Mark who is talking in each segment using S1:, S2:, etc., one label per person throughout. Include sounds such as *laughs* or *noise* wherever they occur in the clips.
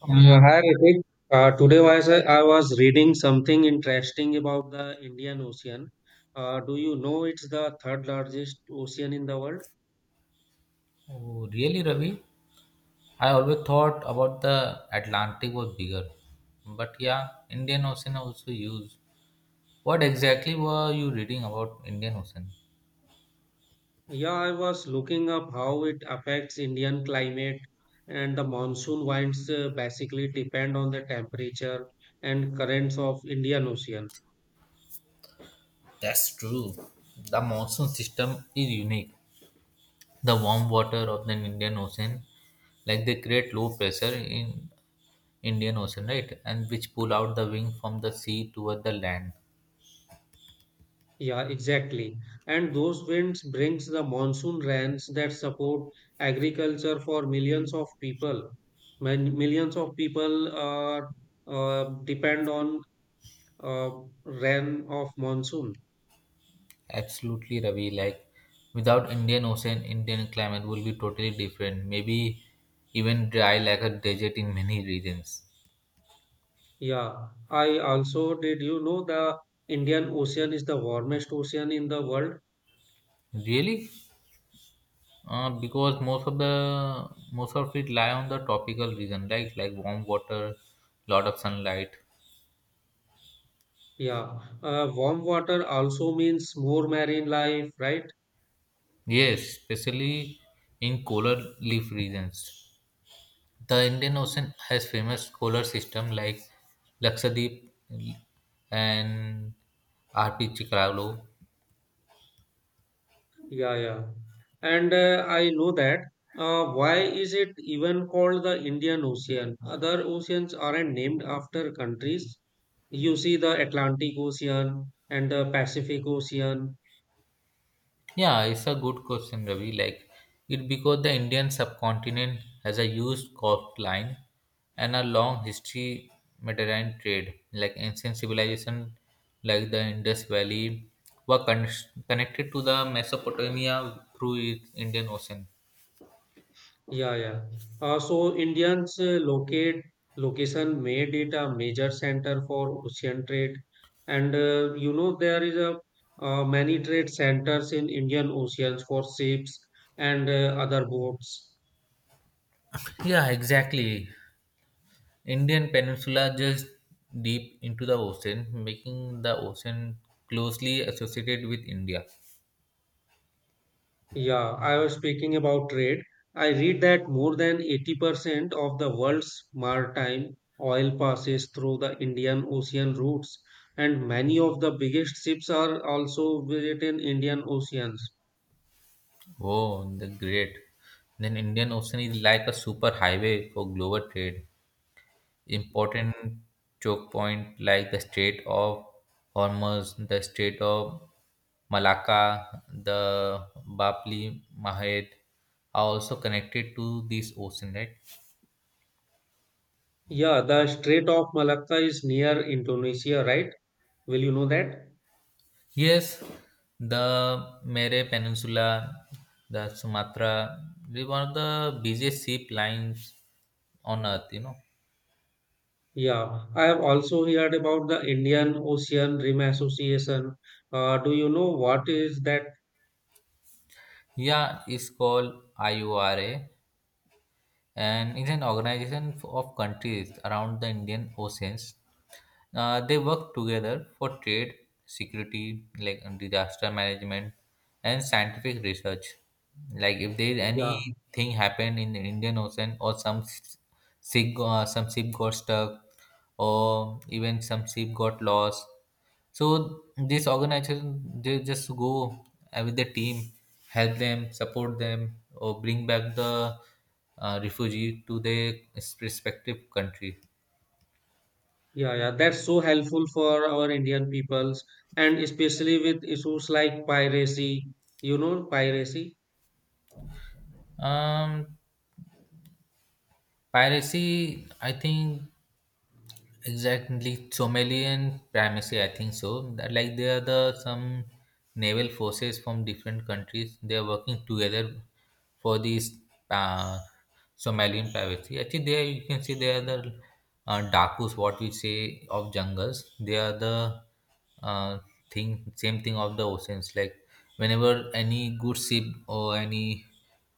S1: Hi Ritik. Today I was reading something interesting about the Indian Ocean. Do you know it's the third largest ocean in the world?
S2: Oh, really, Ravi? I always thought about the Atlantic was bigger. But yeah, Indian Ocean also used. What exactly were you reading about Indian Ocean?
S1: Yeah, I was looking up how it affects Indian climate and the monsoon winds basically depend on the temperature and currents of Indian Ocean.
S2: That's true. The monsoon system is unique. The warm water of the Indian Ocean, like they create low pressure in Indian Ocean, right? And which pull out the wing from the sea toward the land.
S1: Yeah, exactly. And those winds brings the monsoon rains that support agriculture for millions of people. When millions of people are depend on uh, rain of monsoon.
S2: Absolutely, Ravi. Like without Indian Ocean, Indian climate will be totally different. Maybe even dry like a desert in many regions.
S1: Yeah, I also did you know the Indian Ocean is the warmest ocean in the world?
S2: Really? Because most of it lie on the tropical region, right? Like warm water, lot of sunlight.
S1: Yeah, warm water also means more marine life, right?
S2: Yes, especially in polar leaf regions. The Indian Ocean has famous polar system like Lakshadweep and RP Chikalo.
S1: Yeah, yeah. And I know that. Why is it even called the Indian Ocean? Other oceans aren't named after countries. You see the Atlantic Ocean and the Pacific Ocean.
S2: Yeah, it's a good question, Ravi. Like it because the Indian subcontinent has a huge coastline and a long history Mediterranean trade. Like ancient civilization, like the Indus Valley, were con- connected to the Mesopotamia through its Indian Ocean.
S1: Yeah, yeah. So Indians locate location made it a major center for ocean trade. And you know there is a many trade centers in Indian oceans for ships and other boats.
S2: Yeah, exactly. Indian peninsula just deep into the ocean, making the ocean closely associated with India.
S1: Yeah, I was speaking about trade. I read that more than 80% of the world's maritime oil passes through the Indian Ocean routes, and many of the biggest ships are also within Indian Oceans.
S2: Oh, the great. Then Indian Ocean is like a super highway for global trade. Important choke point like the Strait of Hormuz, the Strait of Malacca, the Bab el Mandeb are also connected to this ocean, right?
S1: Yeah, the Strait of Malacca is near Indonesia, right? Will you know that?
S2: Yes, the Mere Peninsula, the Sumatra, they one of the busiest ship lines on Earth, you know.
S1: Yeah, I have also heard about the Indian Ocean Rim Association. Do you know what is that?
S2: Yeah, it's called IORA and it's an organization of countries around the Indian Oceans. They work together for trade, security, like disaster management, and scientific research. Like if there is
S1: Yeah.
S2: anything happened in the Indian Ocean or ship, some ship got stuck, or even some ship got lost, so this organization they just go with the team, help them, support them, or bring back the refugee to their respective country.
S1: Yeah, yeah, that's so helpful for our Indian peoples and especially with issues like piracy, piracy.
S2: Um, Piracy, I think. Exactly, Chomelian primacy. I think so. That, like they are the some naval forces from different countries. They are working together for this uh, Somalian privacy. Actually, there you can see they are the dakus, what we say of jungles. They are the uh, thing, same thing of the oceans. Like whenever any good ship or any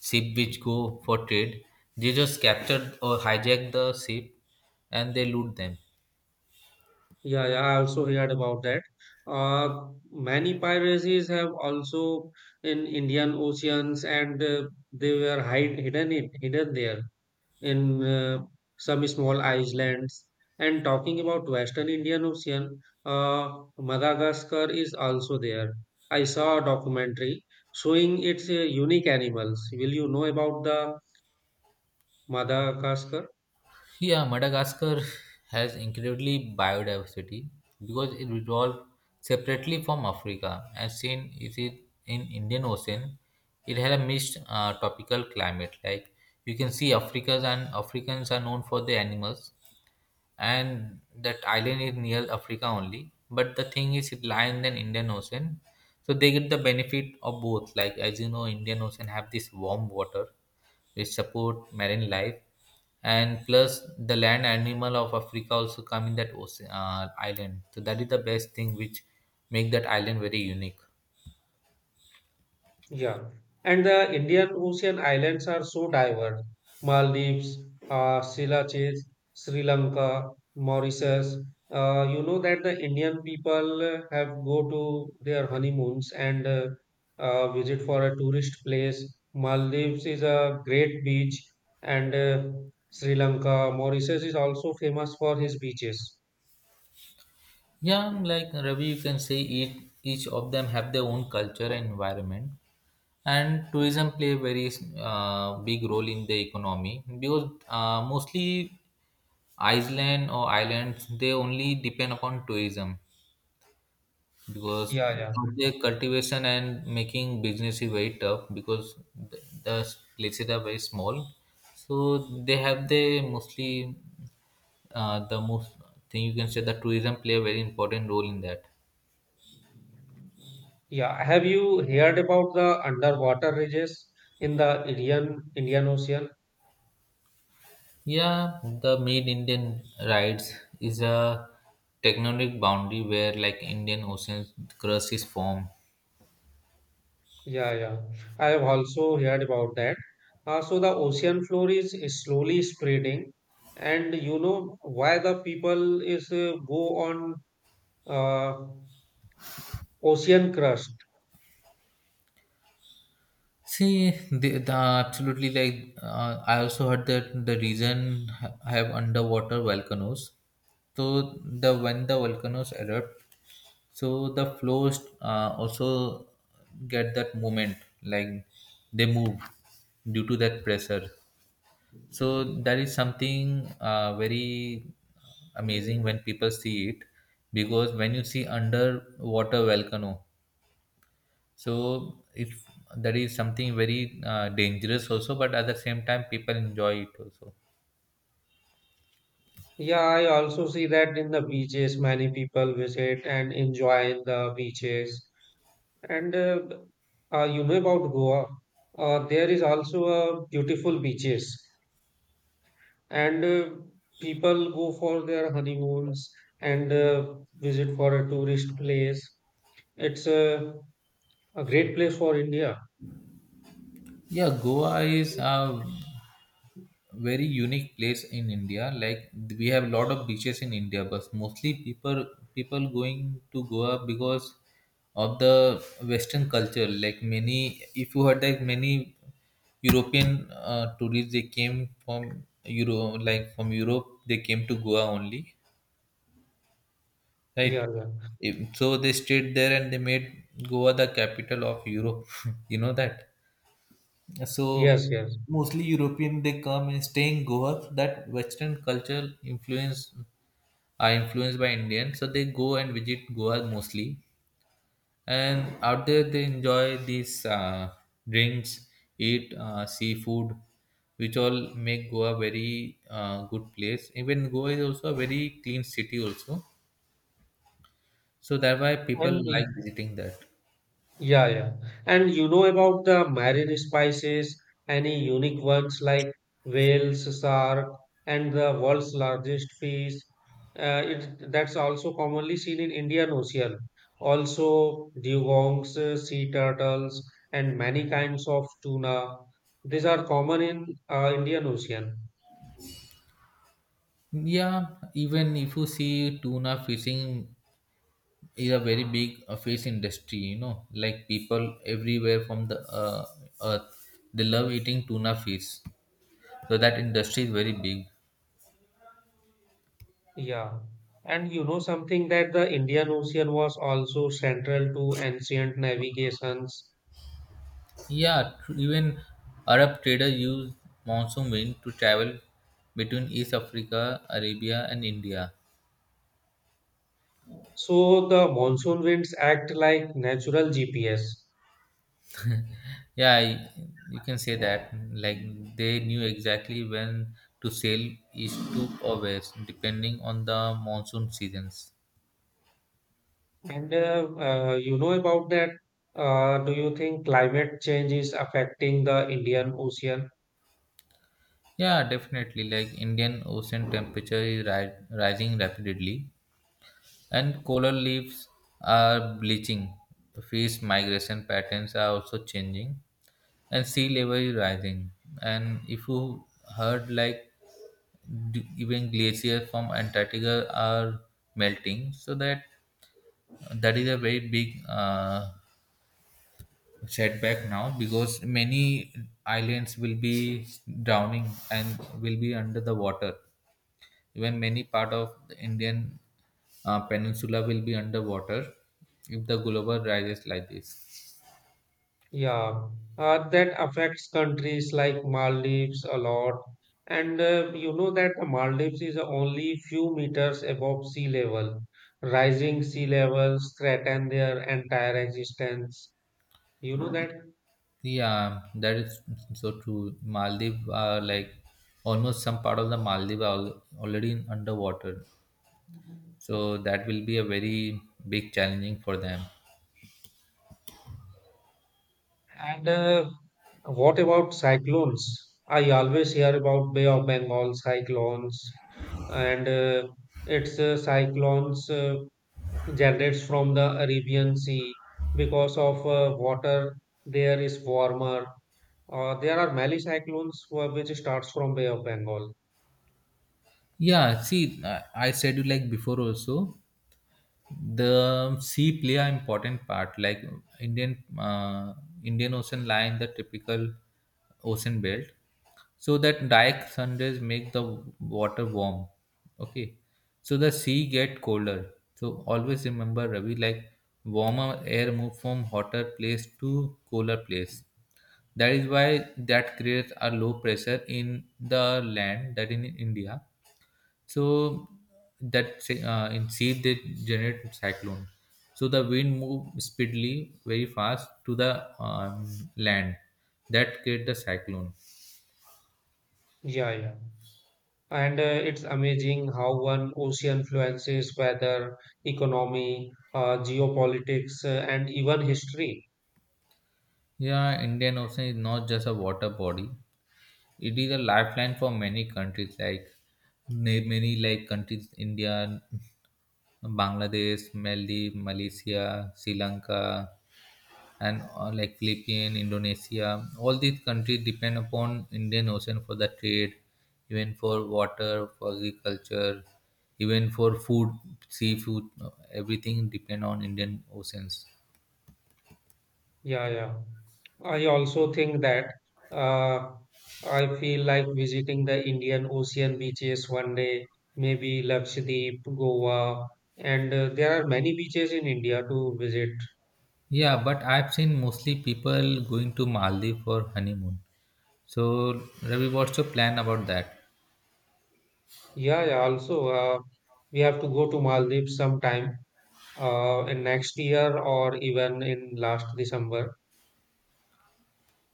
S2: ship which go for trade, they just capture or hijack the ship and they loot them.
S1: Yeah, yeah, I also heard about that. Many piracies have also in Indian oceans and they were hidden there in some small islands. And talking about Western Indian Ocean, Madagascar is also there. I saw a documentary showing its unique animals. Will you know about the Madagascar?
S2: Yeah, Madagascar has incredibly biodiversity because it evolved separately from Africa. As seen is it in Indian Ocean, it had a mixed tropical climate. Like you can see, Africans and Africans are known for their animals, and that island is near Africa only. But the thing is, it lies in the Indian Ocean, so they get the benefit of both. Like as you know, Indian Ocean have this warm water which support marine life and plus the land animal of Africa also come in that ocean island, so that is the best thing which make that island very unique.
S1: Yeah, and the Indian Ocean islands are so diverse. Maldives, Seychelles, Sri Lanka, Mauritius. You know that the Indian people have go to their honeymoons and visit for a tourist place. Maldives is a great beach, and Sri Lanka, Mauritius is also famous for his beaches.
S2: Yeah, like Ravi, you can say each of them have their own culture and environment, and tourism play a very big role in the economy, because mostly iceland or islands they only depend upon tourism because
S1: Yeah, yeah,
S2: of the cultivation and making business is very tough because the places are very small, so they have the mostly the most thing you can say the tourism play a very important role in that.
S1: yeah. Have you heard about the underwater ridges in the Indian Ocean?
S2: Yeah, the made Indian rides is a tectonic boundary where like Indian oceans crust is formed.
S1: Yeah, yeah. I have also heard about that. So the ocean floor is slowly spreading, and you know why the people is go on uh, ocean crust.
S2: See, the absolutely like I also heard that the reason have underwater volcanoes. So the when the volcanoes erupt, so the flows also get that movement, like they move due to that pressure. So that is something very amazing when people see it, because when you see underwater volcano, so if that is something very dangerous also, but at the same time people enjoy it also.
S1: Yeah, I also see that in the beaches, many people visit and enjoy in the beaches. And you know about Goa, there is also a beautiful beaches. And people go for their honeymoons and visit for a tourist place. It's a great place for India.
S2: Yeah, Goa is a very unique place in India. Like we have a lot of beaches in India, but mostly people going to Goa because of the Western culture, like many, if you heard that many European tourists, they came from euro, like from Europe they came to Goa only. Right.
S1: Yeah, yeah.
S2: So they stayed there and they made Goa the capital of Europe. *laughs* You know that? So
S1: Yes, yes.
S2: mostly European they come and stay in Goa. So that Western culture influence are influenced by Indian. So they go and visit Goa mostly. And out there they enjoy these drinks, eat seafood, which all make Goa very good place. Even Goa is also a very clean city also. So that's why people
S1: And
S2: like visiting there.
S1: yeah, yeah. And you know about the marine spices, any unique ones like whales, shark, and the world's largest fish. It that's also commonly seen in Indian Ocean. Also, dugongs, sea turtles, and many kinds of tuna. These are common in Indian Ocean.
S2: Yeah, even if you see tuna fishing is a very big fish industry, you know, like people everywhere from the earth, they love eating tuna fish. So that industry is very big.
S1: Yeah. And you know something that the Indian Ocean was also central to ancient navigations.
S2: Even Arab traders use monsoon wind to travel between East Africa, Arabia, and India.
S1: So the monsoon winds act like natural GPS.
S2: Yeah, I, you can say that. Like they knew exactly when to sail east to or west, depending on the monsoon seasons.
S1: And you know about that. Do you think climate change is affecting the Indian Ocean?
S2: Yeah, definitely. Like Indian Ocean temperature is rising rapidly, and coral reefs are bleaching. The fish migration patterns are also changing, and sea level is rising. And if you heard like even glaciers from Antarctica are melting, so that is a very big setback now, because many islands will be drowning and will be under the water. Even many part of the Indian peninsula will be underwater if the global rises like this.
S1: Yeah, that affects countries like Maldives a lot. And you know that the Maldives is only few meters above sea level. Rising sea levels threaten their entire existence. You know that?
S2: Yeah, that is so true. Maldives are like almost some part of the Maldives are already in underwater, so that will be a very big challenging for them.
S1: And what about cyclones? I always hear about Bay of Bengal cyclones, and its cyclones generates from the Arabian Sea because of water there is warmer. There are many which starts from Bay of Bengal.
S2: Yeah, see, I said you like before also. The sea play an important part, like Indian Indian Ocean lie in the typical ocean belt, so that dark sundays make the water warm. Okay, so the sea get colder, so always remember, Ravi, like warmer air move from hotter place to cooler place. That is why that creates a low pressure in the land that in India. So that in sea they generate cyclone. So the wind move speedily, very fast to the land. That create the cyclone.
S1: Yeah, yeah. And it's amazing how one ocean influences weather, economy, geopolitics, and even history.
S2: Yeah, Indian Ocean is not just a water body. It is a lifeline for many countries, like many like countries India, Bangladesh, Maldives, Malaysia, Sri Lanka, and like Philippines, Indonesia, all these countries depend upon Indian Ocean for the trade, even for water, for agriculture, even for food, seafood, everything depend on Indian Oceans.
S1: Yeah, yeah. I also think that uh, I feel like visiting the Indian Ocean beaches one day, maybe Lakshadweep, Goa, and there are many beaches in India to visit.
S2: Yeah, but I've seen mostly people going to Maldives for honeymoon. So Ravi, what's your plan about that?
S1: Yeah, yeah. Also, we have to go to Maldives sometime in next year or even in last December.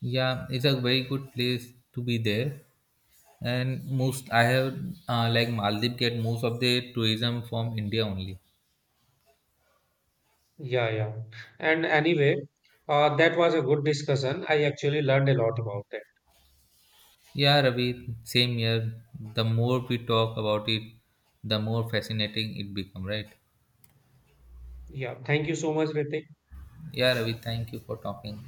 S2: Yeah, it's a very good place to be there, and most I have like Maldives get most of the tourism from India only.
S1: Yeah, yeah. And anyway, that was a good discussion. I actually learned a lot about that.
S2: Yeah, Ravi, same here. The more we talk about it, the more fascinating it become, right?
S1: Yeah. Thank you so much, Ritik.
S2: Yeah, Ravi, thank you for talking.